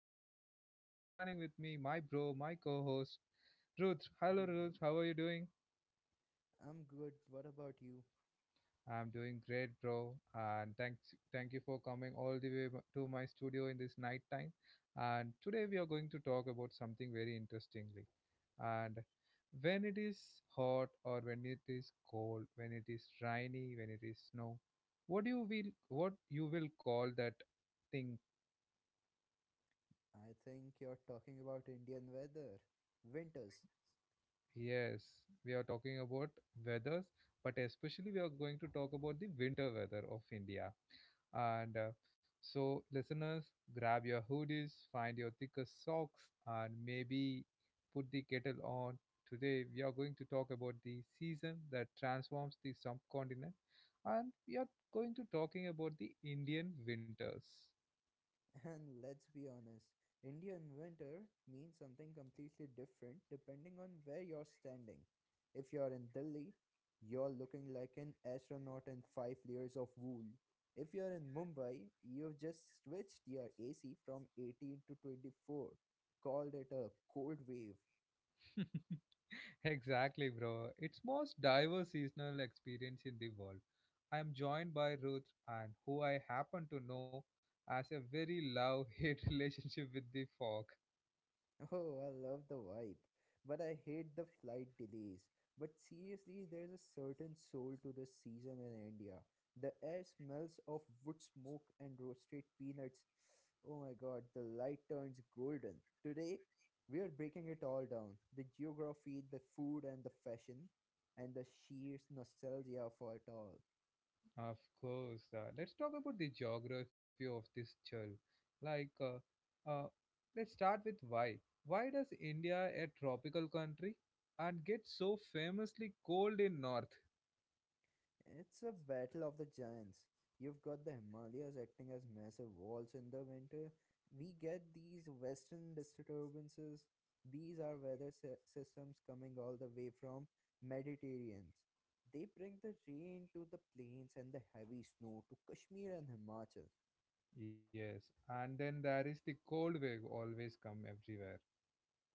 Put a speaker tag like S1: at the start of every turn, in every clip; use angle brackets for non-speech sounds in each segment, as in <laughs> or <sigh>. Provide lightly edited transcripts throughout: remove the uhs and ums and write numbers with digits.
S1: host Aglan and joining with me my bro, my co-host Ruth. Hello
S2: Rudra.
S1: Ruth, how are you doing?
S2: I'm good. What about you?
S1: I'm doing great, bro. And thank you for coming all the way to my studio in this night time. And today we are going to talk about something very interestingly. And when it is hot or when it is cold, when it is rainy, when it is snow, what you will call that thing.
S2: I think you're talking about Indian weather, winters.
S1: Yes, we are talking about weathers, but especially we are going to talk about the winter weather of India. And so, listeners, grab your hoodies, find your thickest socks, and maybe put the kettle on. Today, we are going to talk about the season that transforms the subcontinent, and we are going to talking about the Indian winters.
S2: <laughs> And let's be honest, Indian winter means something completely different depending on where you're standing. If you're in Delhi, you're looking like an astronaut in five layers of wool. If you're in Mumbai, you've just switched your AC from 18 to 24, called it a cold wave.
S1: <laughs> Exactly, bro. It's most diverse seasonal experience in the world. I am joined by Ruth and who I happen to know as a very love-hate <laughs> relationship with the fog.
S2: Oh, I love the vibe, but I hate the flight delays. But seriously, there's a certain soul to this season in India. The air smells of wood smoke and roasted peanuts. Oh my god, the light turns golden. Today, we are breaking it all down the geography, the food, and the fashion, and the sheer nostalgia for it all.
S1: Of course. Let's talk about the geography of this chill. Like, uh, uh, let's start with why. Why does India, a tropical country, and get so famously cold in north?
S2: It's a battle of the giants. You've got the Himalayas acting as massive walls in the winter. We get these western disturbances. These are weather systems coming all the way from Mediterraneans. They bring the rain to the plains and the heavy snow to Kashmir and Himachal.
S1: Yes, and then there is the cold wave always come everywhere.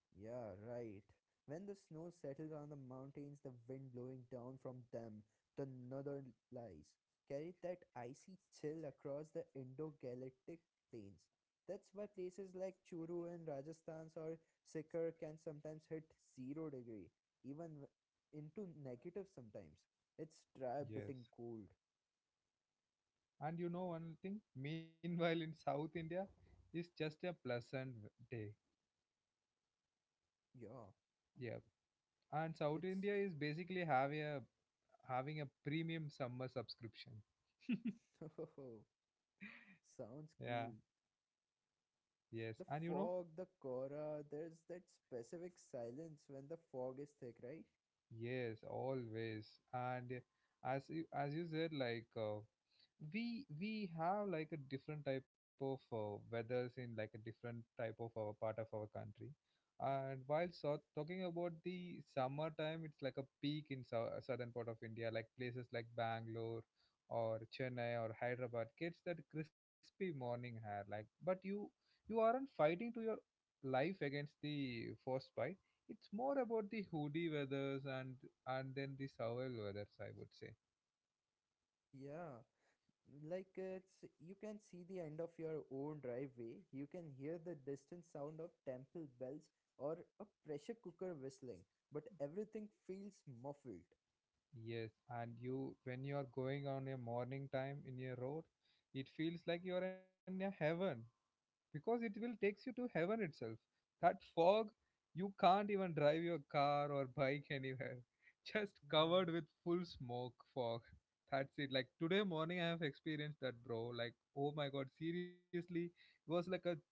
S2: Yeah, right. When the snow settles on the mountains, the wind blowing down from them, the northern lies, carried that icy chill across the Indo-Galactic plains. That's why places like Churu in Rajasthan or Sikar can sometimes hit zero degree, even into negative sometimes. It's dry, biting
S1: Yes.
S2: cold.
S1: And you know one thing? Meanwhile, in South India, it's just a pleasant day.
S2: Yeah,
S1: Yeah. And South
S2: it's
S1: India is basically having a premium summer subscription.
S2: <laughs>
S1: Yeah.
S2: sounds cool.
S1: Yes. And you
S2: The
S1: know?
S2: fog, the Korra, there's that specific silence when the fog is thick, right?
S1: Yes, always. And as you said, we have like a different type of weathers in like a different type of our part of our country, and while so talking about the summer time, it's like a peak in southern part of India, like places like Bangalore or Chennai or Hyderabad gets that crispy morning hair, like but you aren't fighting to your life against the frostbite. It's more about the hoodie weathers and then the survival weathers, I would say.
S2: <laughs> Yeah. Like it's you can see the end of your own driveway, you can hear the distant sound of temple bells or a pressure cooker whistling, but everything feels muffled.
S1: Yes, and you when you are going on your morning time in your road, it feels like you are in a heaven because it will takes you to heaven itself. That fog, you can't even drive your car or bike anywhere. <laughs> Just covered
S2: Yeah,
S1: with full smoke fog. That's it. Like today morning I have experienced that, bro. Like oh my god, seriously, it was like a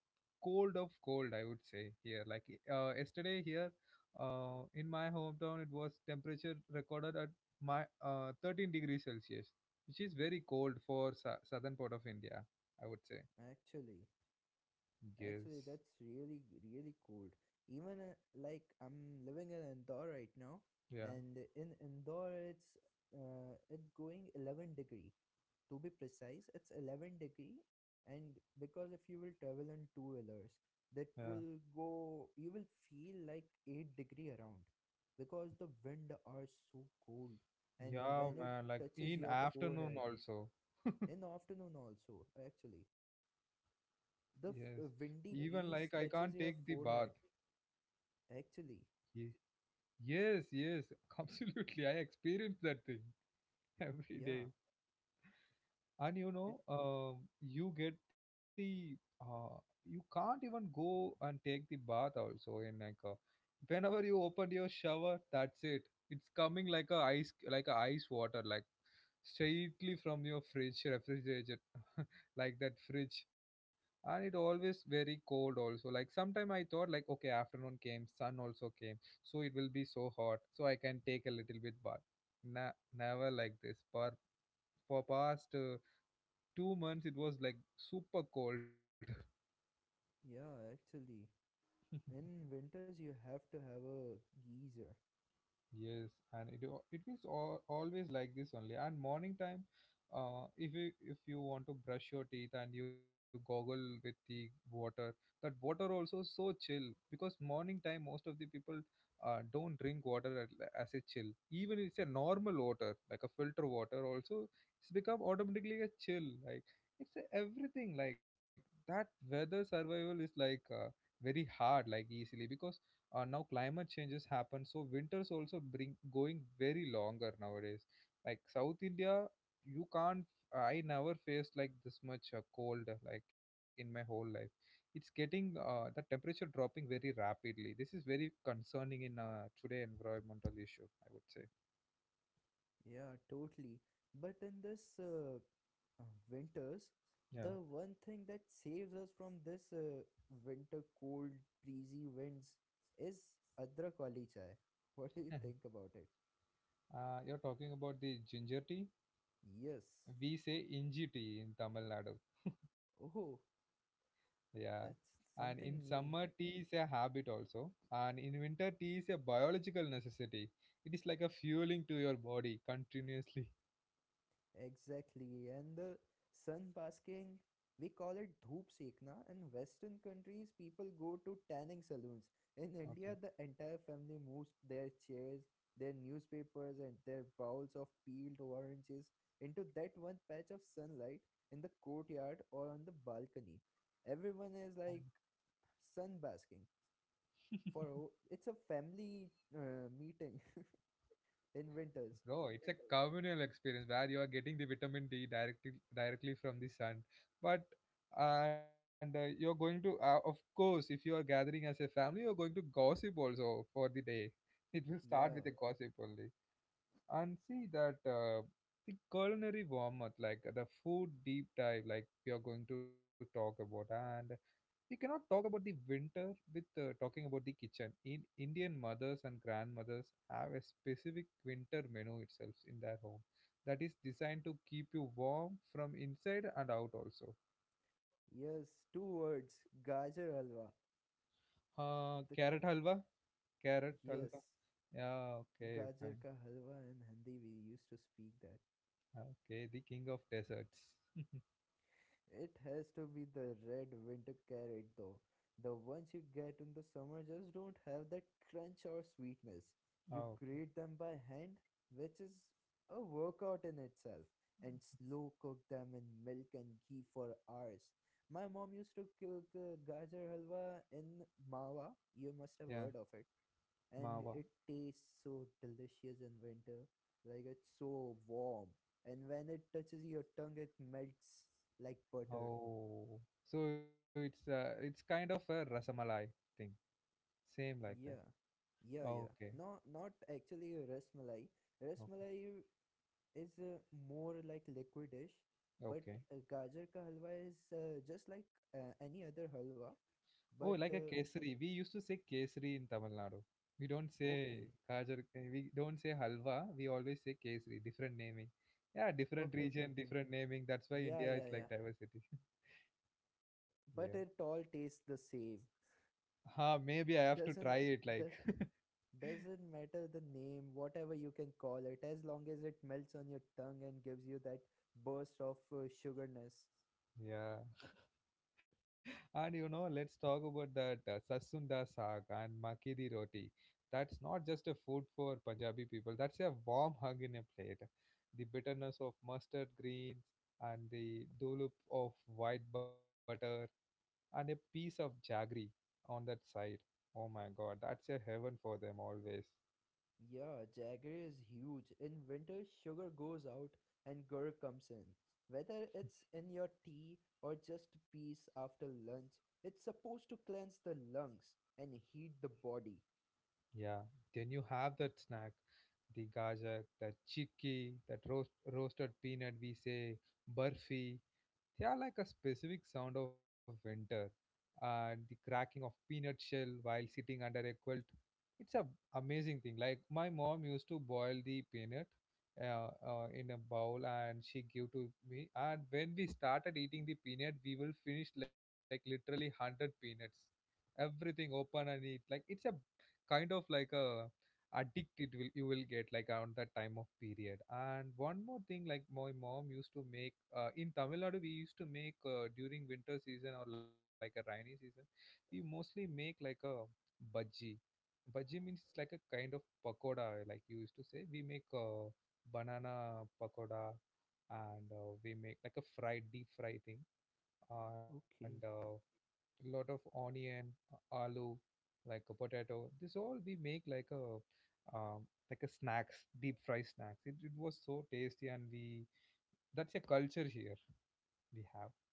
S1: cold of cold, I would say here. Like yesterday here, in my hometown, it was temperature recorded at my 13 degrees Celsius, which is very cold for southern part of India, I would say.
S2: actually,
S1: Yes.
S2: actually, that's really, really cold. Even like I'm living in Indore right now,
S1: Yeah.
S2: and in Indore it's going 11 degree, to be precise it's 11 degree. And because if you will travel on two wheelers, that
S1: Yeah.
S2: will go you will feel like 8-degree around because the wind are so cold. And
S1: Yeah,
S2: when it
S1: man. Like
S2: touches
S1: in
S2: your
S1: afternoon
S2: forehead,
S1: also.
S2: in the afternoon also actually the
S1: Yes.
S2: windy
S1: Even like I
S2: breeze
S1: can't
S2: touches
S1: take
S2: your
S1: the bath.
S2: forehead, actually.
S1: Ye- Yes, yes, <laughs> absolutely. I experience that thing <laughs> every
S2: Yeah,
S1: day. And you
S2: it
S1: know, you get the you can't even go and take the bath also in whenever you open your shower, that's it, it's coming like a ice, like a ice water, like straightly from your fridge refrigerator, like that fridge. And it always very cold also. Like sometime I thought like okay, afternoon came, sun also came, so it will be so hot, so I can take a little bit bath. Never like this for past 2 months. It was like super cold. <laughs>
S2: yeah, actually in winters you have to have a geyser.
S1: Yes, and it wa- it is al- always like this only. And morning time, if you want to brush your teeth and you goggle with the water, that water also so chill, because morning time most of the people don't drink water as a chill. Even it's a normal water, like a filter water also, it's become automatically a chill. Like it's a everything like that, weather survival is like very hard, like easily, because now climate changes happen, so winters also bring going very longer nowadays. Like South India, you can't, I never faced like this much cold like in my whole life. It's getting that temperature dropping very rapidly. This is very concerning in today environmental issue, I would say.
S2: Yeah, totally. But in this uh, winters,
S1: Yeah.
S2: the one thing that saves us from this winter cold, breezy winds is Adrak wali chai. <laughs> What do you
S1: <laughs>
S2: think about it?
S1: You're talking about the ginger tea.
S2: Yes.
S1: We say inji tea in Tamil Nadu.
S2: Oh,
S1: Yeah,
S2: that's
S1: and in
S2: something
S1: summer
S2: new.
S1: tea is a habit also, and in winter tea is a biological necessity. It is like a fueling to your body continuously.
S2: Exactly. And the sun basking, we call it dhoop sekna. In Western countries, people go to tanning saloons. In
S1: Okay,
S2: India, the entire family moves their chairs, their newspapers, and their bowls of peeled oranges into that one patch of sunlight in the courtyard or on the balcony. Everyone
S1: fine.
S2: is like sun basking. For it's a family meeting <laughs> in winters.
S1: Bro, it's a communal experience where you are getting the vitamin D directly from the sun. But and you're going to, of course, if you are gathering as a family, you're going to gossip also for the day. It will start with a
S2: Yeah.
S1: gossip only. And see that, the culinary warm-up, like the food deep dive, like we are going to talk about. And we cannot talk about the winter with talking about the kitchen in Indian mothers and grandmothers have a specific winter menu itself in their home that is designed to keep you warm from inside and out also.
S2: Yes, two words, gajar halwa. The
S1: Carrot halwa, carrot
S2: Yes,
S1: halwa, yeah okay
S2: gajar
S1: fine,
S2: ka halwa in Hindi we used to speak that.
S1: okay the king of desserts. <laughs>
S2: It has to be the red winter carrot though. The ones you get in the summer just don't have that crunch or sweetness. You
S1: Okay,
S2: grate them by hand, which is a workout in itself, and slow cook them in milk and ghee for hours. My mom used to cook gajar halwa in mawa. You must have
S1: yeah,
S2: heard of it, and
S1: mawa.
S2: it tastes so delicious in winter. Like it's so warm, and when it touches your tongue, it melts like butter.
S1: Oh, so it's kind of a rasamalai thing, same like
S2: Yeah,
S1: that.
S2: yeah, yeah. No,
S1: Okay,
S2: not actually rasmalai.
S1: okay,
S2: Rasmalai is more like liquidish, but
S1: okay.
S2: gajar ka halwa is just like any other halwa.
S1: Oh, like a
S2: But
S1: kesari. We used to say kesari in Tamil Nadu. We don't say
S2: okay,
S1: kajar. We don't say halwa. We always say kesari. Different naming. Yeah, different
S2: okay, okay,
S1: region,
S2: okay.
S1: different naming. That's why
S2: Yeah,
S1: India is
S2: yeah, yeah.
S1: like diversity. <laughs> Yeah.
S2: But it all tastes the same.
S1: Huh, maybe I have to try
S2: Doesn't
S1: it. Like,
S2: this? Doesn't matter the name, whatever you can call it, as long as it melts on your tongue and gives you that burst of sugarness.
S1: <laughs> yeah. And you know, let's talk about that Sasunda Saag and Makki di Roti. That's not just a food for Punjabi people, that's a warm hug in a plate. The bitterness of mustard greens and the dollop of white butter and a piece of jaggery on that side. Oh my god, that's a heaven for them always.
S2: Yeah, jaggery is huge. In winter, sugar goes out and gur comes in. Whether it's in your tea or just peace after lunch, it's supposed to cleanse the lungs and heat the body.
S1: Yeah, then you have that snack, the gajak, the chikki, that roasted peanut we say, burfi. They are like a specific sound of winter and the cracking of peanut shell while sitting under a quilt. It's a amazing thing. Like my mom used to boil the peanut in a bowl and she gave to me. And when we started eating the peanut, we will finish like literally 100 peanuts, everything open, and it like it's a kind of like a addict it will, you will get like around that time of period. And one more thing, like my mom used to make in Tamil Nadu we used to make during winter season or like a rainy season, we mostly make like a bhaji. Bhaji means it's like a kind of pakoda, like you used to say. We make banana pakoda, and we make like a fried deep fry thing, and
S2: Okay,
S1: a lot of onion, aloo, like a potato. This all we make like a snacks, deep fry snacks. It was so tasty, and we that's a culture here we have.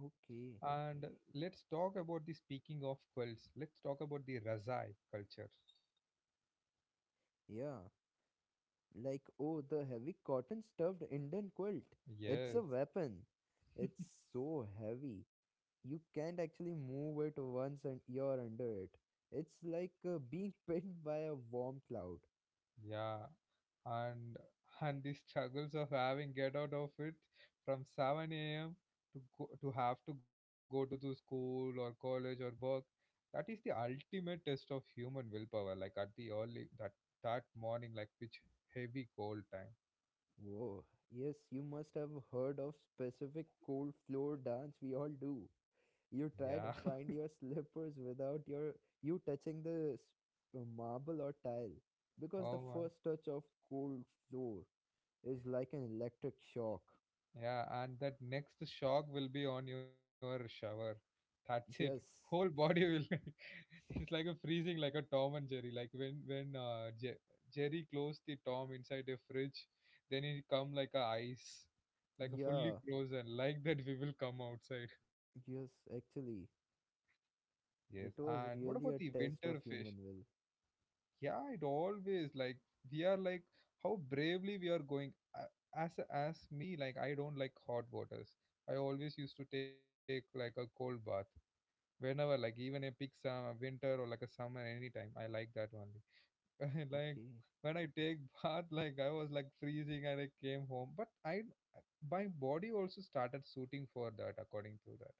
S2: okay.
S1: And let's talk about the speaking of quilts. Let's talk about the Razai culture.
S2: Yeah, like oh, the heavy cotton stuffed Indian quilt. It's
S1: Yes.
S2: a weapon. It's so heavy you can't actually move it once and you're under it. It's like being <laughs> pinned by a warm cloud.
S1: Yeah, and and the struggles of having get out of it from 7 a.m. to go, to have to go to the school or college or work. That is the ultimate test of human willpower. Like at the early that morning, like which heavy cold time.
S2: Whoa. Yes, you must have heard of specific cold floor dance we all do.
S1: Yeah.
S2: You try
S1: <laughs>
S2: to find your slippers without you touching the marble or tile because the
S1: Oh my.
S2: first touch of cold floor is like an electric shock.
S1: Yeah, and that next shock will be on your shower. That's it. Whole
S2: Yes.
S1: body will <laughs> it's like a freezing, like a Tom and Jerry. Like when Jerry closed the Tom inside the fridge, then it come like a ice, like a fully
S2: Yeah.
S1: frozen. Like that we will come outside.
S2: Yes, actually.
S1: Yes.
S2: It was
S1: And what about
S2: really
S1: the
S2: a test
S1: winter
S2: of
S1: fish?
S2: human will.
S1: Yeah, it always like we are like how bravely we are going. As me, like I don't like hot waters, I always used to take like a cold bath, whenever, like even a peak summer winter or like a summer anytime, I like that only. <laughs> Like
S2: Okay.
S1: when I take <laughs> bath, like I was like freezing and I came home, but I, my body also started suiting for that, according to that,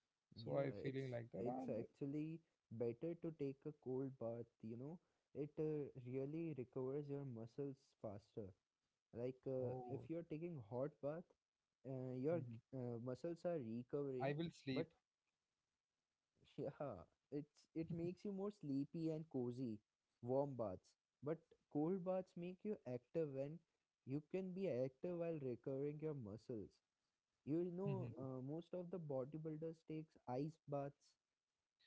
S1: so I feeling
S2: Yeah,
S1: like that. And
S2: it's actually better to take a cold bath. It really recovers your muscles faster. Like if
S1: oh,
S2: you're taking hot bath, your
S1: mhm,
S2: muscles are
S1: I will
S2: recovering,
S1: sleep.
S2: but <laughs> yeah, it makes you more sleepy and cozy. Warm baths, but cold baths make you active and you can be active while recovering your muscles. You know,
S1: <laughs>
S2: most of the bodybuilders takes ice baths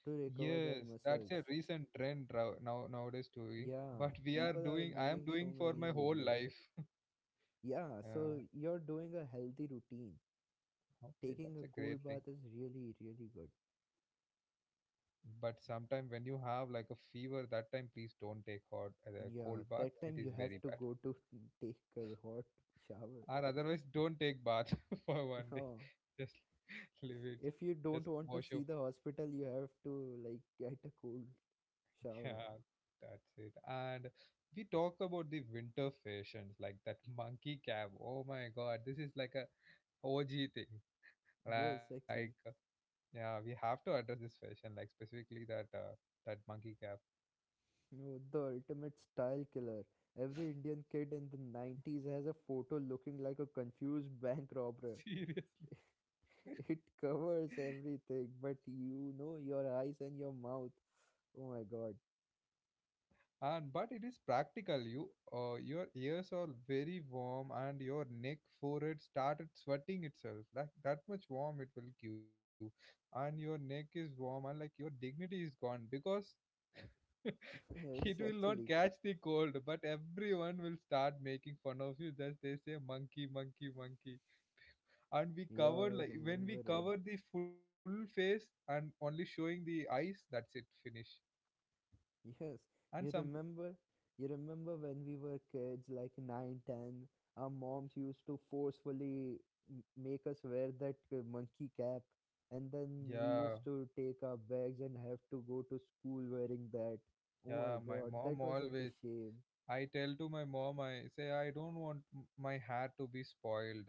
S2: to recover
S1: Yes,
S2: their
S1: that's a
S2: muscles.
S1: recent trend now, nowadays too.
S2: Yeah,
S1: But we are
S2: people are
S1: doing, I am
S2: making so
S1: doing for
S2: many
S1: my whole
S2: videos.
S1: life. <laughs>
S2: Yeah,
S1: Yeah,
S2: so you're doing a healthy routine.
S1: okay,
S2: Taking
S1: that's
S2: a
S1: a great
S2: cold
S1: thing.
S2: bath is really, really good.
S1: But sometime when you have like a fever, that time please don't take hot
S2: Yeah,
S1: cold bath.
S2: that
S1: It
S2: time
S1: is
S2: you have
S1: very
S2: to
S1: bad.
S2: go to <laughs> take a hot shower.
S1: Or otherwise, don't take bath <laughs> for one
S2: <laughs>
S1: day.
S2: Oh,
S1: Just <laughs> leave it. Just
S2: if you
S1: wash
S2: don't
S1: your
S2: want
S1: face.
S2: to see the hospital, you have to like get a cold shower.
S1: Yeah, that's it. And we talk about the winter fashions like that monkey cap. Oh my God, this is like a OG thing.
S2: Yes,
S1: Like,
S2: actually.
S1: yeah, we have to address this fashion, like specifically that monkey cap.
S2: No, the ultimate style killer. Every Indian kid in the 90s has a photo looking like a confused bank robber.
S1: <laughs> Seriously,
S2: <laughs> It
S1: <laughs>
S2: covers everything, but your eyes and your mouth. Oh my god.
S1: and but it is practical. You, your ears are very warm, and your neck, forehead started sweating itself. Like that much warm it will give, and your neck is warm, and like your dignity is gone because <laughs>
S2: <laughs>
S1: it
S2: Yes,
S1: will not
S2: actually.
S1: catch the cold. But everyone will start making fun of you. Just they say monkey, monkey, monkey. And we
S2: Yeah,
S1: covered
S2: I
S1: like when we
S2: remember it.
S1: cover the full face and only showing the eyes, that's it, finish.
S2: Yes,
S1: and
S2: you
S1: some p-
S2: remember? You remember when we were kids, like 9, 10? Our moms used to forcefully make us wear that monkey cap, and
S1: yeah,
S2: then we used to take our bags and have to go to school wearing that. Oh my
S1: yeah, my
S2: god,
S1: mom
S2: that was such a
S1: always,
S2: shame.
S1: I tell to my mom, I say I don't want my hair to be spoiled.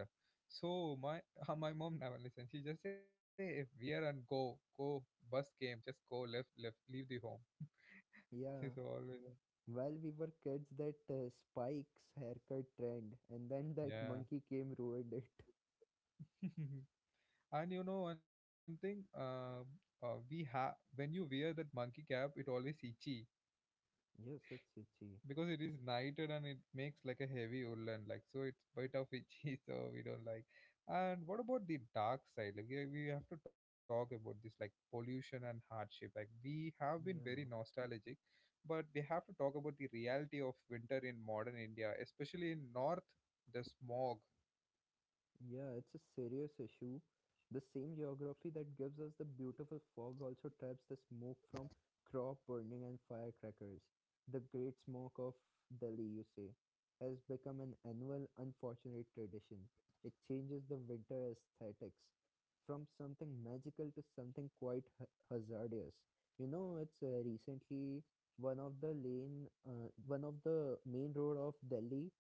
S1: So my, <laughs> my mom never listens, she just say wear and go, go, bus came, just go, left, leave the home. <laughs>
S2: Yeah.
S1: this is always.
S2: While we were kids, that spikes haircut trend, and then <laughs> that
S1: Yeah.
S2: monkey came ruined it. <laughs>
S1: <laughs> and you know one thing, we have, when you wear that monkey cap it always itchy,
S2: Yes, it's itchy.
S1: because it is knighted and it makes like a heavy woolen, like, so it's bit of itchy, <laughs> so we don't like. And what about the dark side? Like, yeah, we have to talk about this, like pollution and hardship, like we have been very
S2: Yeah.
S1: nostalgic, but we have to talk about the reality of winter in modern India, especially in north, the smog.
S2: Yeah, it's a serious issue. The same geography that gives us the beautiful fog also traps the smoke from crop burning and firecrackers. The Great Smoke of Delhi, you say, has become an annual unfortunate tradition. It changes the winter aesthetics from something magical to something quite hazardous. You know, it's recently one of the lane, one of the main road of Delhi,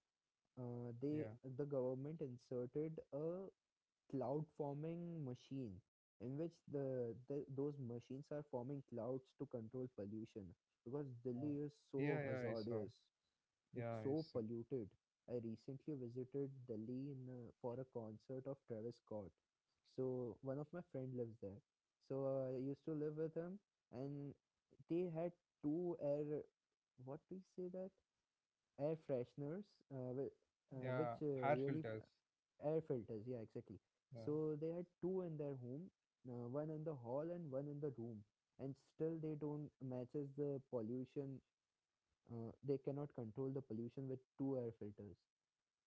S2: uh, they
S1: Yeah,
S2: the government inserted a cloud forming machine in which the those machines are forming clouds to control pollution because
S1: uh,
S2: Delhi is so
S1: yeah, I saw.
S2: hazardous. It's
S1: Yeah, I
S2: so
S1: saw.
S2: polluted. I recently visited Delhi for a concert of Travis Scott. So one of my friend lives there. So I used to live with him, and they had two air, what do you say that, air fresheners, uh, whi- which
S1: Yeah, hair
S2: really
S1: filters.
S2: air filters. Yeah, exactly.
S1: Yeah.
S2: So they had two in their home, one in the hall and one in the room, and still they don't matches the pollution. They cannot control the pollution with two air filters.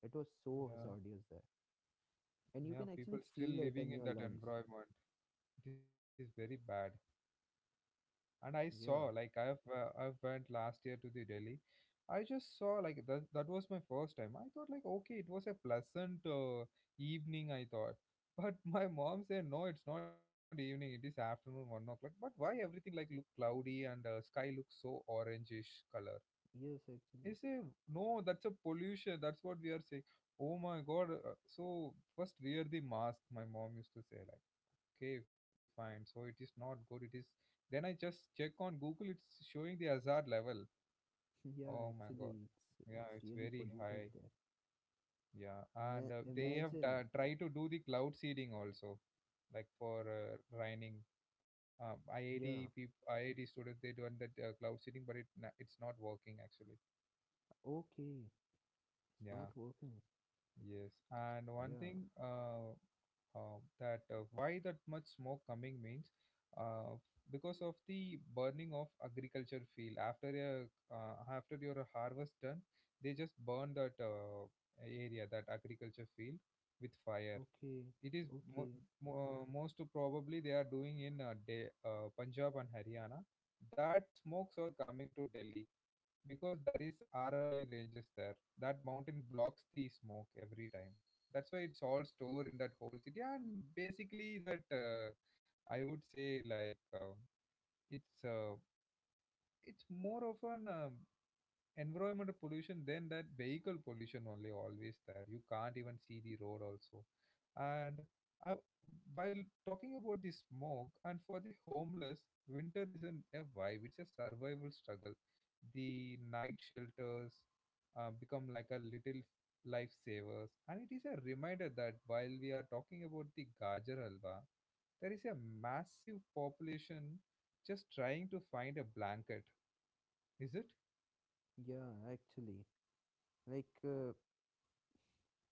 S2: It was so
S1: Yeah.
S2: hazardous there, and you
S1: Yeah,
S2: can actually
S1: people still
S2: feel it in
S1: living in
S2: your
S1: that
S2: lungs.
S1: environment, it is very bad. And I saw like
S2: Yeah.
S1: I've went last year to the Delhi. I just saw like that, that was my first time. I thought like, okay, it was a pleasant evening, I thought, <laughs> but my mom said no, it's not evening. It is afternoon, 1 o'clock. But why everything like look cloudy and sky looks so orangish color?
S2: Yes,
S1: I
S2: actually. <laughs>
S1: say no, that's a pollution. That's what we are saying. Oh my god! So first wear the mask. My mom used to say like okay, fine, so it is not good, it is, then I just check on Google, it's showing the hazard level.
S2: Yeah,
S1: Oh my
S2: actually,
S1: god.
S2: it's
S1: Yeah,
S2: it's
S1: it's
S2: really
S1: very
S2: polluted
S1: high.
S2: there.
S1: Yeah. And they have
S2: Imagine.
S1: tried to do the cloud seeding also, like for raining. IIT
S2: Yeah.
S1: people, IIT students, they do that cloud seeding, but it it's not working actually.
S2: Okay. It's
S1: Yeah.
S2: not working.
S1: Yes, and one
S2: Yeah.
S1: thing, that why that much smoke coming means, uh, because of the burning of agriculture field after a after your harvest done, they just burn that area, that agriculture field, with fire.
S2: Okay,
S1: It is
S2: okay.
S1: most probably they are doing in Punjab and Haryana. That smokes are coming to Delhi because there is Aravalli Ranges there. That mountain blocks the smoke every time. That's why it's all stored in that whole city. And basically, that I would say like it's uh, it's more of an environment pollution then that vehicle pollution, only always there, you can't even see the road also. And I, while talking about the smoke and for the homeless, winter isn't a vibe, it's a survival struggle. The night shelters become like a little lifesavers, and it is a reminder that while we are talking about the gajar halwa, there is a massive population just trying to find a blanket, is it?
S2: Yeah, actually. Like,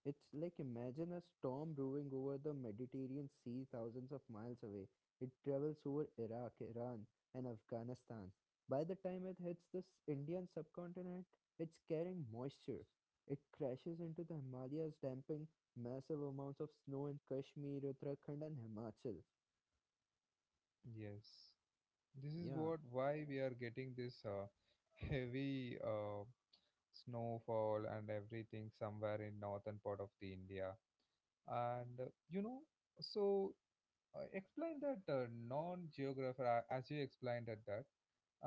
S2: it's like imagine a storm brewing over the Mediterranean Sea thousands of miles away. It travels over Iraq, Iran, and Afghanistan. By the time it hits this Indian subcontinent, it's carrying moisture. It crashes into the Himalayas, dumping massive amounts of snow in Kashmir, Uttarakhand, and Himachal.
S1: Yes, this is
S2: Yeah,
S1: what, why we are getting this heavy snowfall and everything, somewhere in northern part of the India. And you know, so, explain that non geographer, as you explained at that.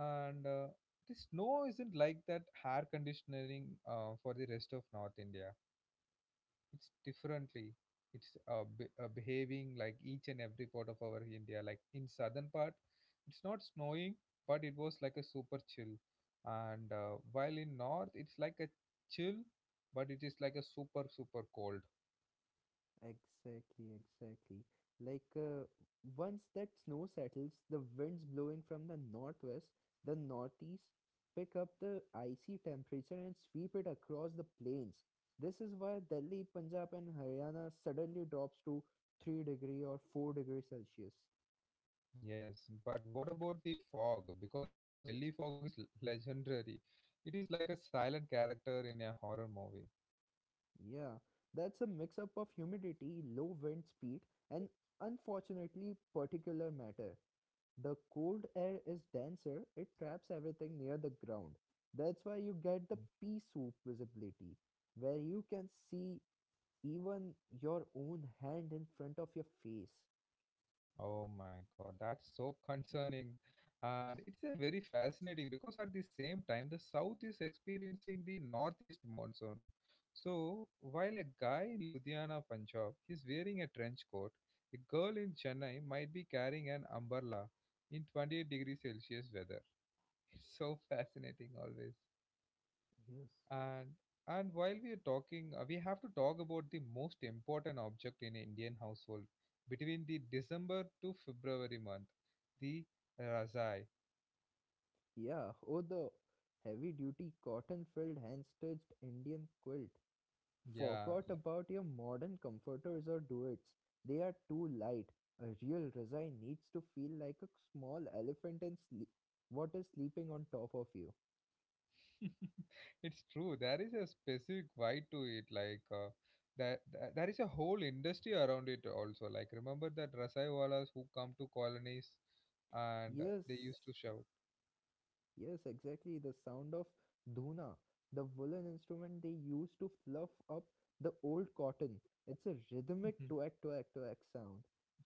S1: And the snow isn't like that air conditioning for the rest of north India. It's differently, it's behaving like each and every part of our India. Like, in southern part it's not snowing, but it was like a super chill, and while in north it's like a chill, but it is like a super super cold.
S2: exactly, exactly. Like once that snow settles, the winds blowing from the northwest, the northeast pick up the icy temperature and sweep it across the plains. This is why Delhi, Punjab, and Haryana suddenly drops to 3 degree or 4-degree Celsius.
S1: Yes, but what about the fog? Because Delhi fog is legendary, it is like a silent character in a horror movie.
S2: Yeah, that's a mix up of humidity, low wind speed, and unfortunately particular matter. The cold air is denser, it traps everything near the ground. That's why you get the pea soup visibility, where you can see even your own hand in front of your face.
S1: Oh my God, that's so concerning. And it's a very fascinating because at the same time, the South is experiencing the Northeast monsoon. So, while a guy in Ludhiana, Punjab, is wearing a trench coat, a girl in Chennai might be carrying an umbrella in 28 degrees Celsius weather. <laughs> It's so fascinating always.
S2: Yes.
S1: And and while we are talking, we have to talk about the most important object in Indian household between the December to February month, the Razai.
S2: Yeah, oh, the heavy duty cotton filled hand stitched Indian quilt.
S1: Yeah,
S2: Forgot
S1: like,
S2: about your modern comforters or duets. They are too light. A real resign needs to feel like a small elephant and sleep. What is sleeping on top of you?
S1: <laughs> it's true. There is a specific vibe to it. Like that, that, there is a whole industry around it also. Like, remember that Rasai who come to colonies and
S2: Yes,
S1: they used to shout.
S2: yes, exactly. The sound of dhuna, the woolen instrument they used to fluff up the old cotton. It's a rhythmic
S1: <laughs>
S2: twack, twack, twack sound.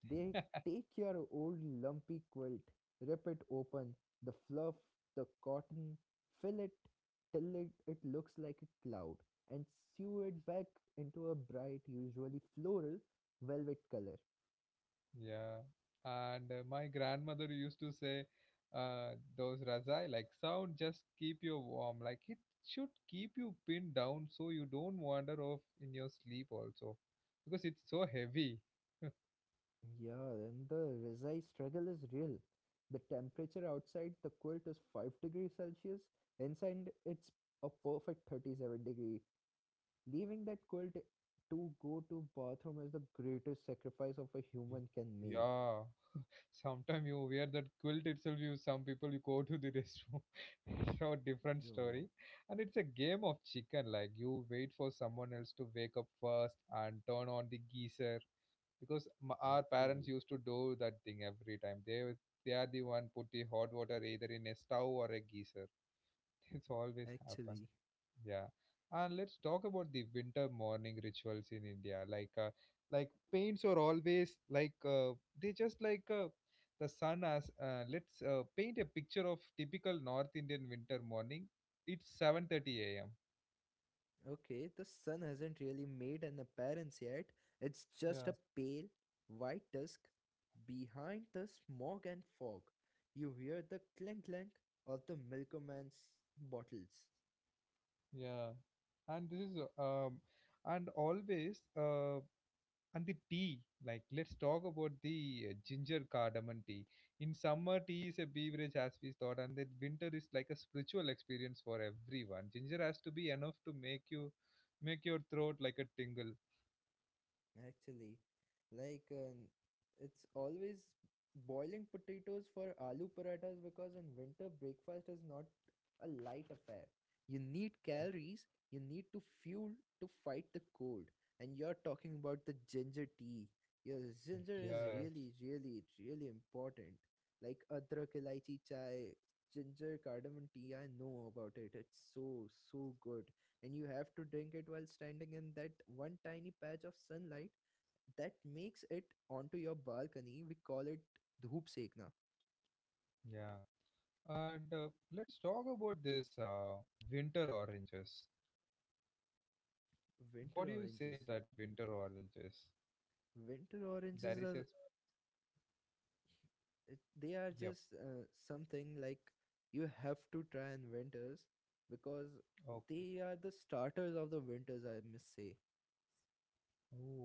S2: They take your old lumpy quilt, rip it open, the fluff, the cotton, fill it till it looks like a cloud, and sew it back into a bright, usually floral, velvet color.
S1: Yeah, and my grandmother used to say, those razai like sound just keep you warm. Like, it should keep you pinned down so you don't wander off in your sleep also, because it's so heavy.
S2: Yeah, and the Rizai struggle is real. The temperature outside the quilt is 5 degrees Celsius, inside it's a perfect 37 degree. Leaving that quilt to go to bathroom is the greatest sacrifice of a
S1: Mm.
S2: human can make.
S1: Yeah, sometimes you wear that quilt itself. You, some people, you go to the restroom. <laughs> so different
S2: Yo,
S1: story, and it's a game of chicken. Like, you wait for someone else to wake up first and turn on the geyser, because our parents
S2: actually,
S1: used to do that thing every time, they were, they are the one put the hot water either in a stove or a geyser. <laughs> it's always happen.
S2: actually.
S1: Yeah. And let's talk about the winter morning rituals in India, like paints are always, like they just like the sun as let's paint a picture of typical north Indian winter morning. It's 7:30 a.m.
S2: Okay, the sun hasn't really made an appearance yet. It's just
S1: Yeah.
S2: a pale, white dusk behind the smog and fog. You hear the clink clink of the milkman's bottles.
S1: Yeah. And this is, um, and always, uh, and the tea, like, let's talk about the ginger cardamom tea. In summer tea is a beverage as we thought, and then winter is like a spiritual experience for everyone. Ginger has to be enough to make you, make your throat like a tingle.
S2: Actually, like uh, it's always boiling potatoes for aloo parathas because in winter breakfast is not a light affair. You need calories, you need to fuel to fight the cold. And you're talking about the ginger tea. Your ginger is
S1: Yes.
S2: really, really, really important. Like adrak ilaichi chai, ginger cardamom tea, I know about it. It's so, so good, and you have to drink it while standing in that one tiny patch of sunlight that makes it onto your balcony. We call it dhoop sekna,
S1: Yeah, and let's talk about this winter oranges. What
S2: winter
S1: do you
S2: oranges.
S1: say that? Winter oranges,
S2: Winter
S1: there is
S2: oranges
S1: a,
S2: are they are
S1: yep,
S2: just something like you have to try in winters because
S1: okay,
S2: they are the starters of the winters. I must say.
S1: oh,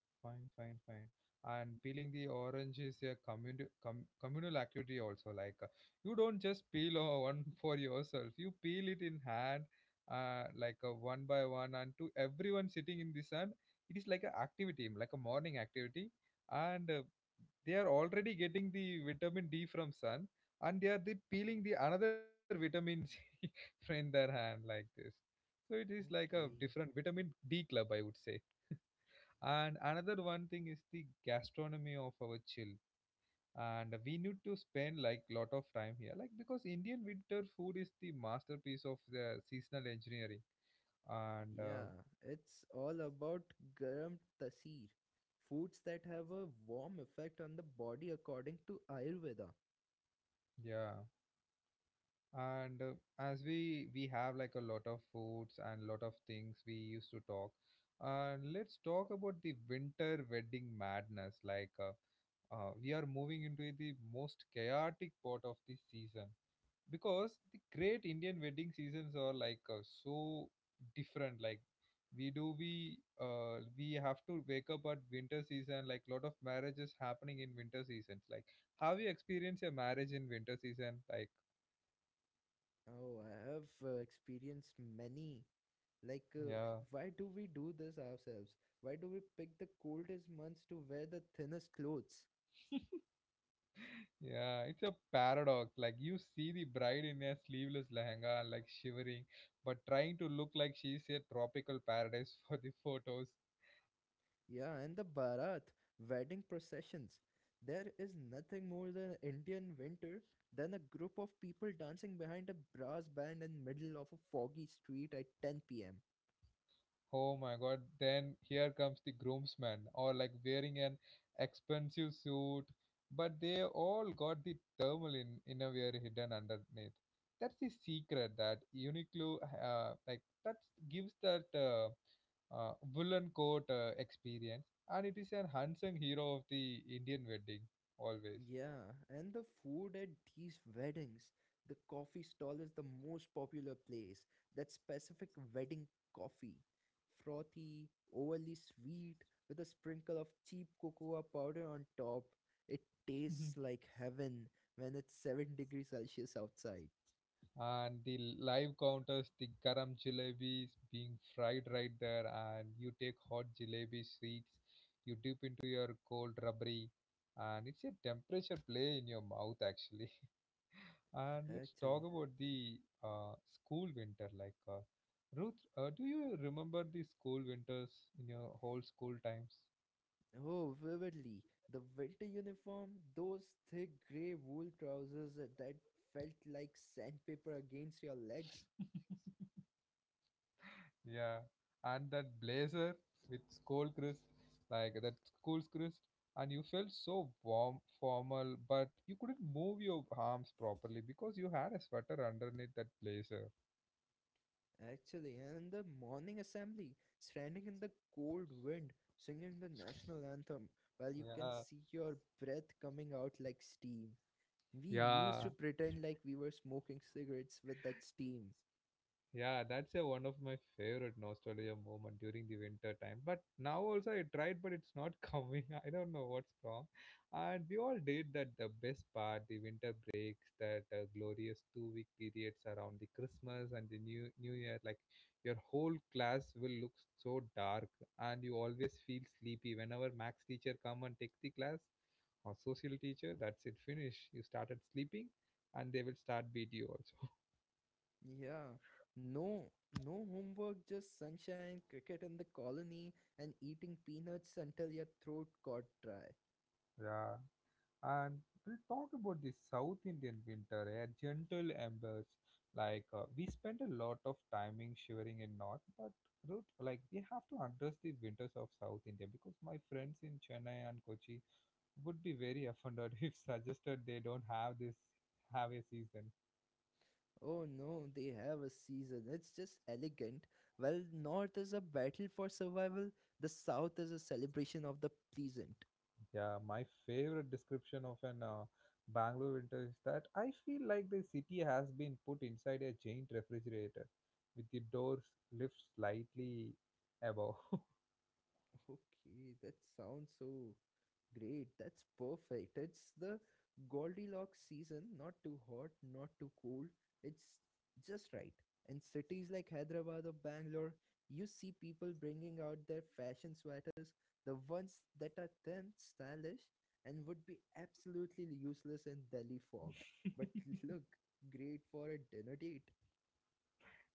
S1: fine, fine, fine. And peeling the orange is a communal activity also. Like you don't just peel <laughs> one for yourself. You peel it in hand, one by one, and to everyone sitting in the sun, it is like an activity, like a morning activity, and they are already getting the vitamin D from sun, and they are the peeling the another vitamin C <laughs> from their hand like this. So it is like a different
S2: Okay.
S1: vitamin D club, I would say. And another one thing is the gastronomy of our chill. And we need to spend like lot of time here, like, because Indian winter food is the masterpiece of the seasonal engineering. And
S2: Yeah, it's all about garam tasir, foods that have a warm effect on the body according to Ayurveda.
S1: yeah, and as we have like a lot of foods and lot of things we used to talk. And let's talk about the winter wedding madness. Like we are moving into the most chaotic part of the season, because the great Indian wedding seasons are like so different. Like, we do, we have to wake up at winter season. Like, lot of marriages happening in winter seasons. Like, have you experienced a marriage in winter season? Like,
S2: Oh, I have experienced many. Like, uh,
S1: yeah.
S2: why do we do this ourselves? Why do we pick the coldest months to wear the thinnest clothes?
S1: Yeah, it's a paradox. Like, you see the bride in a sleeveless lehenga, like shivering, but trying to look like she's a tropical paradise <laughs> for the photos.
S2: Yeah, and the Bharat, wedding processions. There is nothing more than Indian winter than a group of people dancing behind a brass band in middle of a foggy street at 10 p.m.
S1: Oh my god, then here comes the groomsmen, or like wearing an expensive suit, but they all got the thermal in innerwear hidden underneath. That's the secret that Uniqlo, like that gives that woolen coat experience, and it is an unsung hero of the Indian wedding always.
S2: Yeah, and the food at these weddings, the coffee stall is the most popular place. That specific wedding coffee, frothy, overly sweet, with a sprinkle of cheap cocoa powder on top. It tastes
S1: <laughs>
S2: like heaven when it's 7 degrees Celsius outside.
S1: and the live counters, the garam jalebis being fried right there, and you take hot jalebi sweets, you dip into your cold rubbery, and it's a temperature play in your mouth, actually. <laughs> and let's talk
S2: Actually,
S1: about the school winter, like ruth do you remember the school winters in your whole school times?
S2: oh, vividly, the winter uniform, those thick grey wool trousers that felt like sandpaper against your legs.
S1: <laughs> Yeah, and that blazer with school crisp, like that school crisp, and you felt so warm, formal, but you couldn't move your arms properly because you had a sweater underneath that blazer.
S2: Actually, and in the morning assembly, standing in the cold wind, singing the national anthem, while you can
S1: Yeah,
S2: see your breath coming out like steam. We used to
S1: yeah,
S2: pretend like we were smoking cigarettes with that steam.
S1: Yeah, that's a, one of my favorite nostalgia moment during the winter time. But now also I tried, but it's not <laughs> coming. I don't know what's wrong. And we all did that. The best part, the winter breaks, that glorious 2-week periods around the Christmas and the New Year. Like, your whole class will look so dark, and you always feel sleepy. Whenever Max teacher come and take the class, or social teacher, that's it. Finish. You started sleeping, and they will start beat you also. <laughs>
S2: Yeah, no, no homework, just sunshine, cricket in the colony, and eating peanuts until your throat got dry.
S1: Yeah. And we'll talk about the South Indian winter, eh? A gentle embers. Like we spend a lot of timing shivering in north, but Ruth, like we have to address the winters of South India because my friends in Chennai and Kochi would be very offended <laughs> if suggested they don't have a season.
S2: Oh no, they have a season. It's just elegant. While North is a battle for survival, the South is a celebration of the pleasant.
S1: Yeah, my favorite description of an Bangalore winter is that I feel like the city has been put inside a giant refrigerator with the doors lifted slightly above. <laughs>
S2: Okay, that sounds so great. That's perfect. It's the Goldilocks season, not too hot, not too cold. It's just right. In cities like Hyderabad or Bangalore, you see people bringing out their fashion sweaters, the ones that are thin, stylish, and would be absolutely useless in Delhi fog, but <laughs> look great for a dinner date.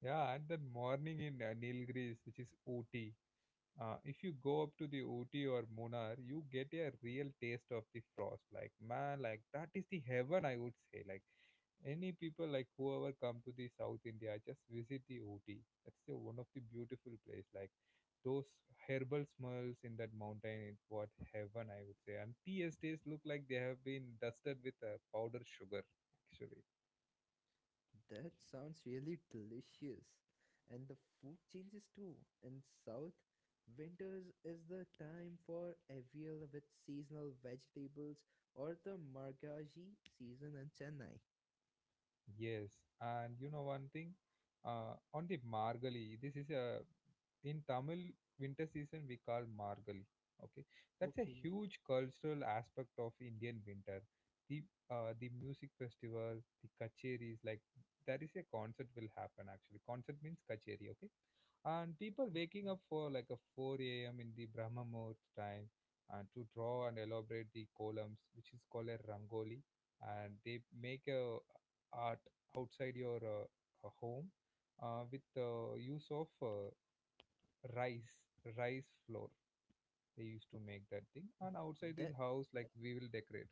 S1: Yeah, and then morning in Nilgiris, which is Ooty. If you go up to the Ooty or Munnar, you get a real taste of the frost. Like, man, like that is the heaven, I would say. Like, any people like whoever come to the south India just visit the Ooty, that's the one of the beautiful place, like those herbal smells in that mountain, it what heaven I would say, and tea estates look like they have been dusted with powdered sugar actually.
S2: That sounds really delicious. And the food changes too. In South, winters is the time for avial with seasonal vegetables or the margaji season in Chennai.
S1: Yes, and you know one thing, on the Margali, this is a, in Tamil winter season we call Margali. Okay, that's a
S2: Okay.
S1: huge cultural aspect of Indian winter. The the music festival, the kacheris, like that is a concert will happen actually. Concert means kacheri. Okay, and people waking
S2: Okay.
S1: up for like a 4 a.m. in the Brahma Muhurt time, and to draw and elaborate the columns, which is called a rangoli, and they make a art outside your home with use of rice rice flour, they used to make that thing, and outside the
S2: That
S1: house like we will decorate.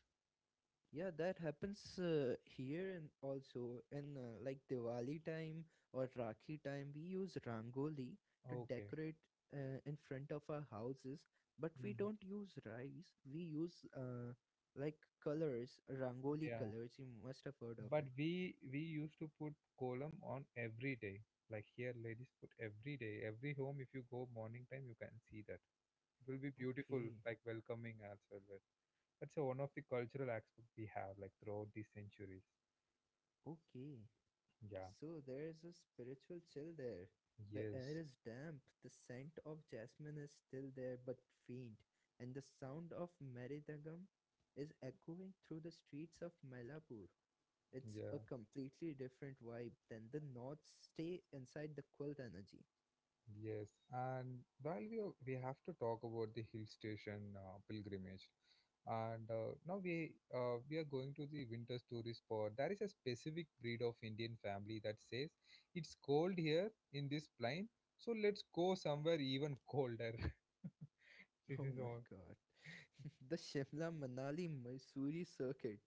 S2: Yeah, that happens here and also in like Diwali time or Rakhi time, we use rangoli to
S1: Okay.
S2: decorate in front of our houses, but we
S1: Mhm.
S2: don't use rice. We use like colors, rangoli
S1: Yeah,
S2: colors. You must have heard of
S1: but
S2: it.
S1: we used to put column on every day, like here ladies put every day, every home if you go morning time you can see that, it will be beautiful
S2: Okay,
S1: like welcoming as well. That's one of the cultural aspect we have like throughout the centuries.
S2: okay.
S1: Yeah.
S2: So there's a spiritual chill there. The air
S1: Yes.
S2: is damp, the scent of jasmine is still there but faint, and the sound of meridagam is echoing through the streets of Malapur. It's a
S1: Yeah.
S2: completely different vibe than the North stay inside the quilt energy.
S1: Yes, and we have to talk about the hill station pilgrimage, and now we are going to the winter tourist spot. There is a specific breed of Indian family that says it's cold here in this plain, so let's go somewhere even colder. <laughs> This
S2: Oh
S1: is
S2: my
S1: all.
S2: God. <laughs> The Shimla Manali Mysore circuit.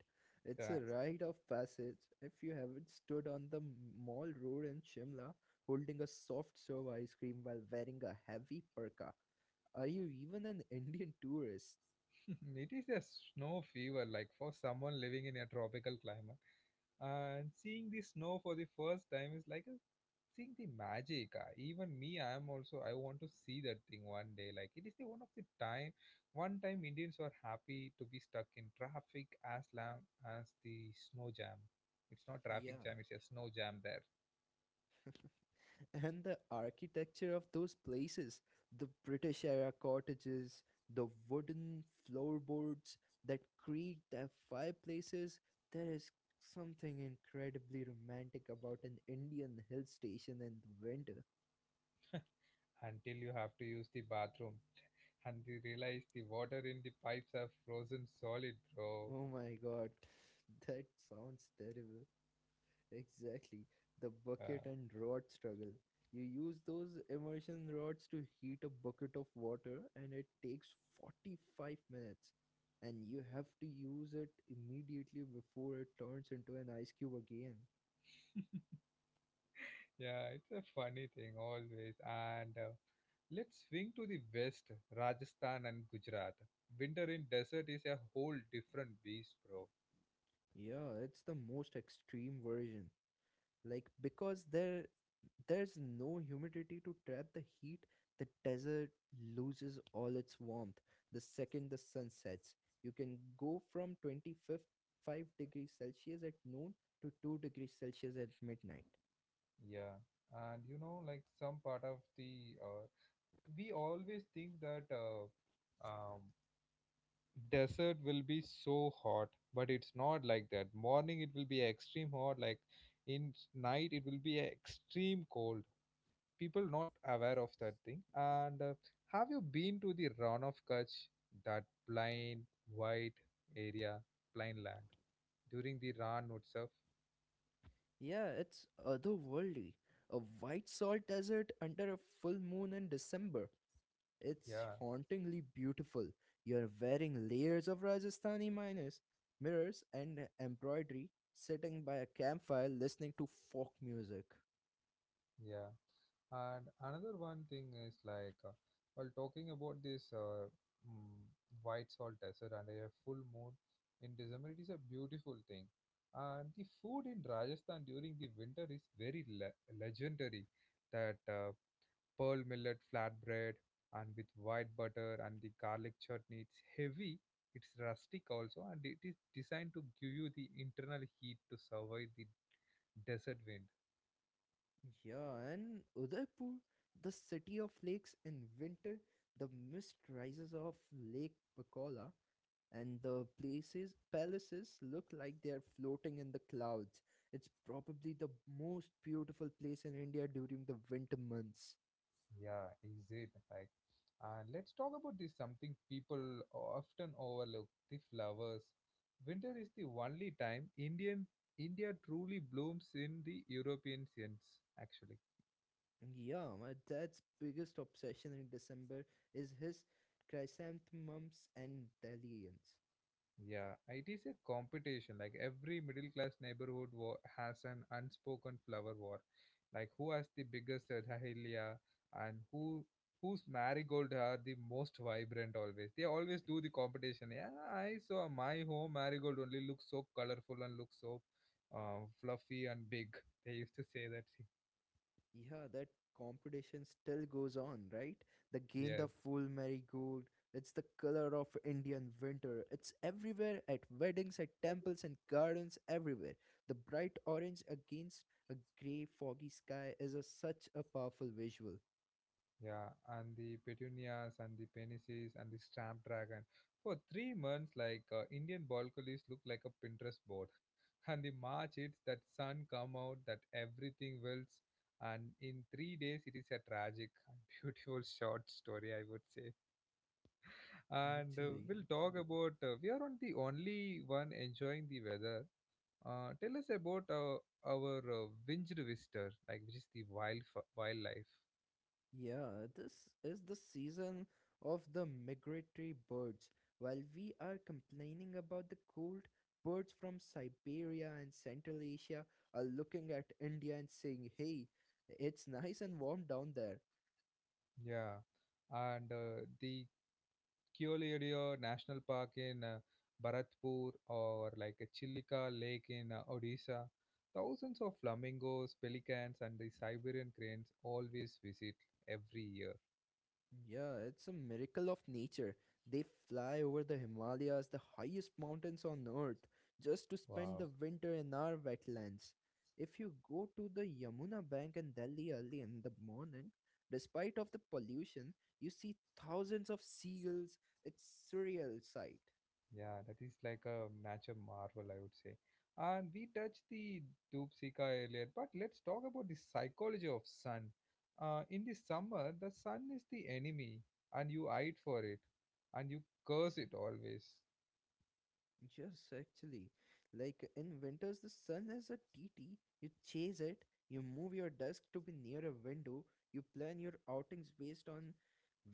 S2: It's
S1: Yeah,
S2: a rite of passage. If you haven't stood on the mall road in Shimla holding a soft serve ice cream while wearing a heavy parka, are you even an Indian tourist?
S1: <laughs> it is a snow fever, like for someone living in a tropical climate, and seeing the snow for the first time is like a seeing the magic, even me, I am also, I want to see that thing one day. Like it is the one of the time, one time Indians were happy to be stuck in traffic as long as the snow jam. It's not traffic
S2: Yeah.
S1: jam, it's a snow jam there.
S2: And the architecture of those places, the British era cottages, the wooden floorboards that creak, the fireplaces, there is something incredibly romantic about an Indian hill station in the winter.
S1: Until you have to use the bathroom and you realize the water in the pipes are frozen solid, bro.
S2: Oh my God. <laughs> That sounds terrible. Exactly. The bucket
S1: uh,
S2: and rod struggle. You use those immersion rods to heat a bucket of water and it takes 45 minutes. And you have to use it immediately before it turns into an ice cube again.
S1: Yeah, it's a funny thing always. And let's swing to the west, Rajasthan and Gujarat. Winter in desert is a whole different beast, bro.
S2: Yeah, it's the most extreme version. Like because there's no humidity to trap the heat, the desert loses all its warmth the second the sun sets. You can go from 25th 5 degrees Celsius at noon to 2 degrees Celsius at midnight.
S1: Yeah, and you know, like some part of the we always think that um, desert will be so hot, but it's not like that. Morning it will be extreme hot, like night it will be extreme cold. People not aware of that thing, and have you been to the run of Kutch, that plain white area, plain land, during the run itself?
S2: Yeah, it's otherworldly, a white salt desert under a full moon in December. It's
S1: Yeah,
S2: hauntingly beautiful. You're wearing layers of Rajasthani miners, mirrors and embroidery, sitting by a campfire listening to folk music.
S1: yeah. And another one thing is like while talking about this, mm, white salt desert and a full moon in December, it is a beautiful thing. And the food in Rajasthan during the winter is very legendary. That pearl millet flatbread and with white butter and the garlic chutney. It's heavy, it's rustic also, and it is designed to give you the internal heat to survive the desert wind.
S2: Yeah, and Udaipur, the city of lakes in winter, the mist rises off Lake Bacola, and the places palaces look like they are floating in the clouds. It's probably the most beautiful place in India during the winter months.
S1: Yeah, is it like? And let's talk about this something people often overlook: the flowers. Winter is the only time India truly blooms in the European sense, actually.
S2: Yeah, my dad's biggest obsession in December is his chrysanthemums and dahlias.
S1: Yeah, it is a competition. Like every middle class neighborhood war has an unspoken flower war. Like who has the biggest dahlia and whose marigold are the most vibrant always. They always do the competition. Yeah, I saw my home marigold only looks so colorful and looks so fluffy and big. They used to say that. <laughs>
S2: Yeah, that competition still goes on, right? The gain the
S1: Yes.
S2: full marigold. It's the color of Indian winter. It's everywhere at weddings, at temples and gardens, everywhere. The bright orange against a grey, foggy sky is a, such a powerful visual.
S1: Yeah, and the petunias and the penises and the snapdragon. For 3 months, like Indian balconies look like a Pinterest board. <laughs> And the March hits, that sun come out, that everything wilts, and in 3 days it is a tragic and <laughs> beautiful short story, I would say. And
S2: Actually.
S1: we'll talk about. We are not the only one enjoying the weather. Tell us about our winged visitor, like which is the wildlife.
S2: Yeah, this is the season of the migratory birds. While we are complaining about the cold, birds from Siberia and Central Asia are looking at India and saying, hey, it's nice and warm down there.
S1: Yeah, and the Keoladeo National Park in Bharatpur, or like a Chilika Lake in Odisha. Thousands of flamingos, pelicans, and the Siberian cranes always visit every year.
S2: Yeah, it's a miracle of nature. They fly over the Himalayas, the highest mountains on earth, just to spend the
S1: Wow.
S2: winter in our wetlands. If you go to the Yamuna bank in Delhi early in the morning, despite of the pollution, you see thousands of seagulls. It's surreal sight.
S1: Yeah, that is like a nature marvel, I would say. And we touched the Dubsika earlier, but let's talk about the psychology of sun. In the summer, the sun is the enemy, and you hide for it, and you curse it always.
S2: Yes, actually. Like in winters, the sun is a T T. You chase it, you move your desk to be near a window, you plan your outings based on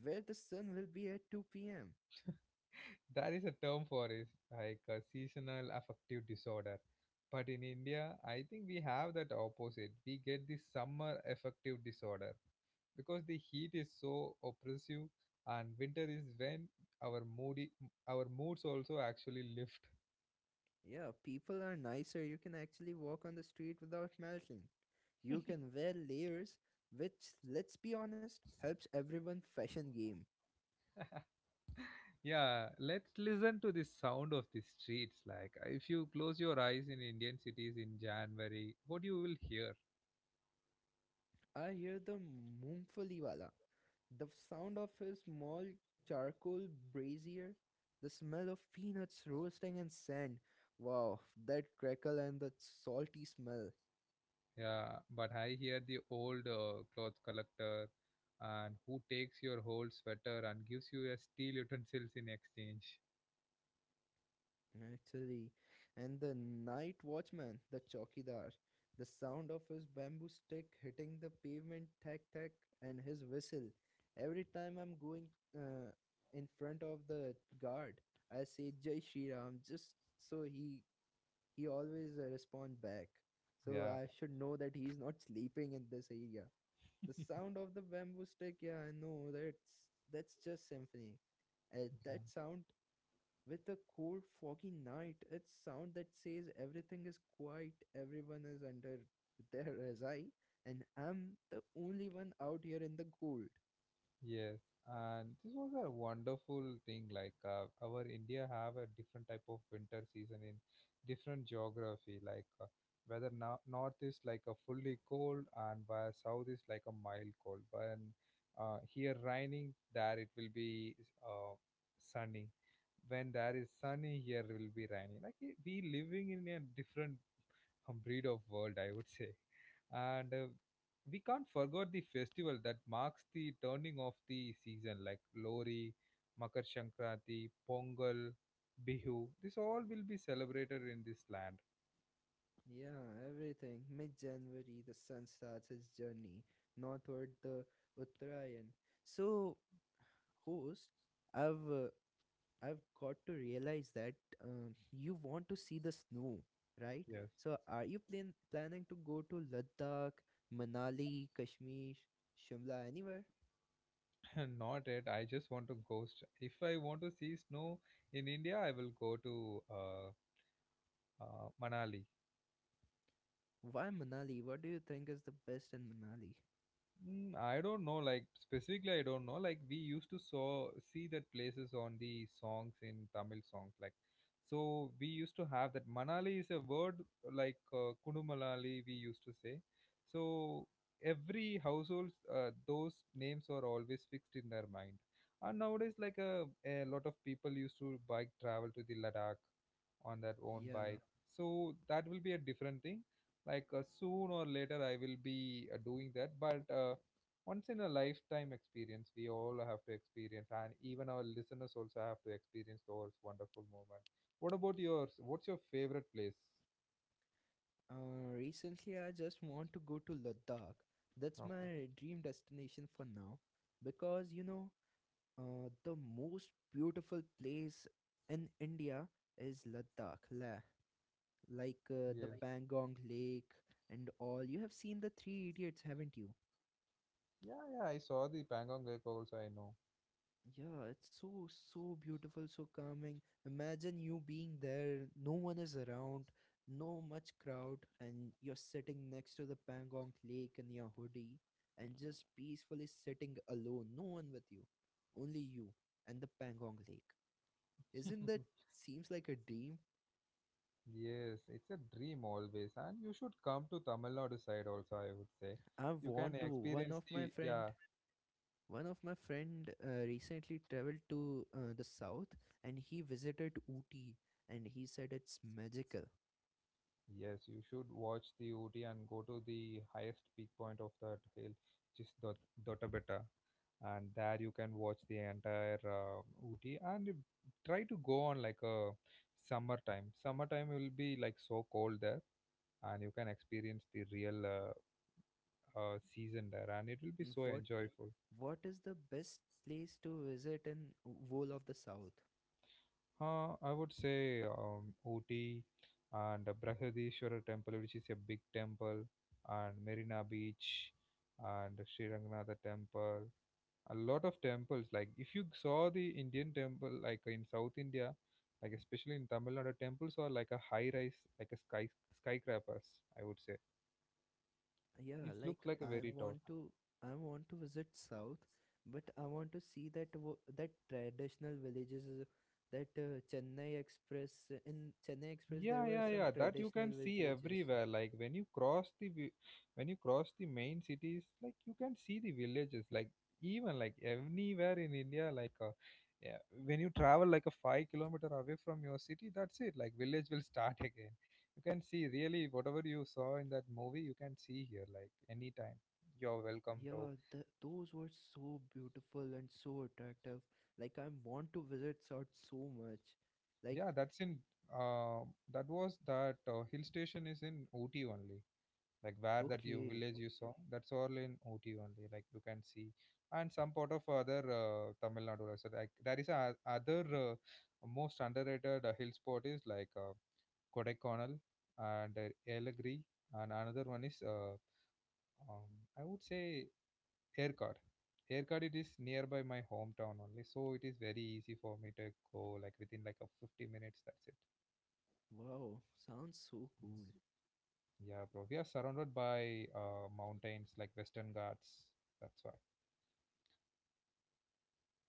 S2: where the sun will be at 2 p.m.
S1: There is a term for it, like a seasonal affective disorder. But in India, I think we have that opposite. We get the summer affective disorder because the heat is so oppressive, and winter is when our moody, our moods also actually lift.
S2: Yeah, people are nicer. You can actually walk on the street without melting. You can wear layers, which, let's be honest, helps everyone fashion game.
S1: Yeah, let's listen to the sound of the streets. Like, if you close your eyes in Indian cities in January, what you will hear?
S2: I hear the Mumfaliwala, the sound of his small charcoal brazier, the smell of peanuts roasting in sand. Wow, that crackle and that salty smell,
S1: Yeah, but I hear the old cloth collector and who takes your whole sweater and gives you a steel utensils in exchange.
S2: actually. And the night watchman, the chokidar, the sound of his bamboo stick hitting the pavement, tack tack, and his whistle. Every time I'm going uh, in front of the guard, I say Jai Shri Ram just so he always respond back, so
S1: Yeah.
S2: I should know that he's not sleeping in this area. The sound of the bamboo stick, yeah, I know that's just symphony,
S1: Yeah.
S2: that sound with a cold foggy night. It's sound that says everything is quiet, everyone is under their <laughs> razai, and I'm the only one out here in the cold.
S1: Yes, and this was a wonderful thing. Like our India have a different type of winter season in different geography. Like whether no- north is like a fully cold, and where south is like a mild cold. When here raining, there it will be uh, sunny. When there is sunny, here will be rainy. We living in a different <laughs> breed of world, I would say. And we can't forget the festival that marks the turning of the season, like Lori, Makar Sankranti, Pongal, Bihu. This all will be celebrated in this land.
S2: Yeah, everything mid-January the sun starts his journey northward, the uttarayan. So host, I've uh, I've got to realize that you want to see the snow, right?
S1: Yes.
S2: So, are you planning to go to Ladakh, Manali, Kashmir, Shimla, anywhere?
S1: <laughs> Not it. I just want to ghost. If I want to see snow in India, I will go to Manali.
S2: Why Manali? What do you think is the best in Manali?
S1: Mm, I don't know, like specifically, I don't know. Like we used to saw see that places on the songs in Tamil songs, like so we used to have that Manali is a word, like Kunumalali we used to say. So every households those names are always fixed in their mind. And nowadays, like a lot of people used to bike travel to the Ladakh on their own
S2: Yeah.
S1: bike. So that will be a different thing, like soon or later I will be doing that, but once in a lifetime experience we all have to experience, and even our listeners also have to experience those wonderful moments. What about yours? What's your favorite place?
S2: Recently, I just want to go to Ladakh. That's
S1: Okay.
S2: my dream destination for now because you know, the most beautiful place in India is Ladakh, Leh. Like the
S1: Yes.
S2: Pangong Lake and all. You have seen the Three Idiots, haven't you?
S1: Yeah, yeah, I saw the Pangong Lake also, I know.
S2: Yeah, it's so so beautiful, so calming. Imagine you being there, no one is around, no much crowd, and you're sitting next to the Pangong Lake in your hoodie and just peacefully sitting alone, no one with you, only you and the Pangong Lake. Isn't that
S1: <laughs>
S2: seems like a dream?
S1: Yes, it's a dream always, and you should come to Tamil Nadu side also, I would say.
S2: I
S1: You can
S2: want to.
S1: experience the, yeah.
S2: One of my friend recently traveled to the south, and he visited Ooty and he said it's magical.
S1: Yes, you should watch the Ooty and go to the highest peak point of that hill, which is Dotabetta. And there you can watch the entire Ooty, and try to go on like a summertime. Summertime will be like so cold there, and you can experience the real season there, and it will be
S2: Mm,
S1: so enjoyable.
S2: What is the best place to visit in whole of the south?
S1: I would say Ooty and Brahadishwara temple, which is a big temple, and Marina Beach and Sri Ranganatha temple. A lot of temples. Like if you saw the Indian temple, like in South India, like especially in Tamil Nadu, temples are like a high rise, like a skyscrapers. I would say
S2: Yeah,
S1: it looks like a very tall.
S2: I want to visit south, but I want to see that traditional villages that Chennai Express. In Chennai Express there
S1: Yeah,
S2: were
S1: yeah,
S2: some
S1: yeah. That you
S2: traditional
S1: can see
S2: villages.
S1: everywhere. Like when you cross the when you cross the main cities, like you can see the villages. Like even like anywhere in India, like yeah, when you travel like a 5 kilometer away from your city, that's it. Like village will start <laughs> again. You can see really whatever you saw in that movie, you can see here. Like anytime, you're welcome to.
S2: Yeah, those were so beautiful and so attractive. Like, I want to visit South so much. Like,
S1: Yeah, that's in. Uh, that was that Hill station is in Ooty only. Like where that you
S2: okay,
S1: village you saw, that's all in Ooty only, like you can see. And some part of other Tamil Nadu also, like there is a other most underrated hill spot is like Kodaikanal and Elagiri, and another one is um, I would say Erkad. Erkad, it is nearby my hometown only, so it is very easy for me to go like within like a 50 minutes, that's it.
S2: wow, sounds so cool.
S1: Yeah. Yeah, bro. We are surrounded by mountains, like Western Ghats. That's why.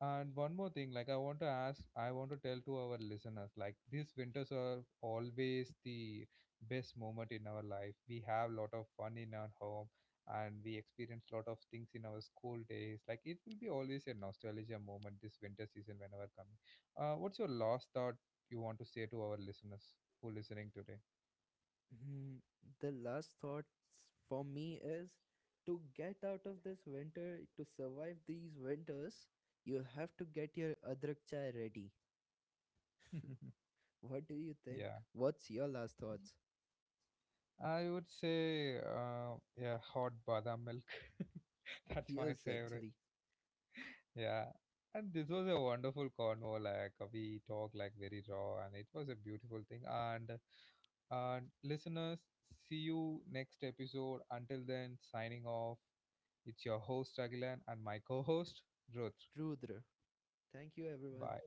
S1: And one more thing, like I want to ask, I want to tell to our listeners, like these winters are always the best moment in our life. We have lot of fun in our home, and we experience lot of things in our school days. Like it will be always a nostalgia moment this winter season whenever coming. What's your last thought you want to say to our listeners who listening today?
S2: Hmm, the last thoughts for me is to get out of this winter. To survive these winters, you have to get your adrak chai ready.
S1: <laughs>
S2: What do you think?
S1: Yeah,
S2: What's your last thoughts?
S1: I would say yeah, hot badam milk. <laughs>
S2: <laughs>
S1: That's my
S2: Yes,
S1: favorite.
S2: actually.
S1: Yeah, and this was a wonderful convo. Like we talked like very raw, and it was a beautiful thing. And listeners, see you next episode. Until then, signing off. It's your host Agilan, and my co-host Ruth.
S2: Rudra. Thank you, everyone.
S1: Bye.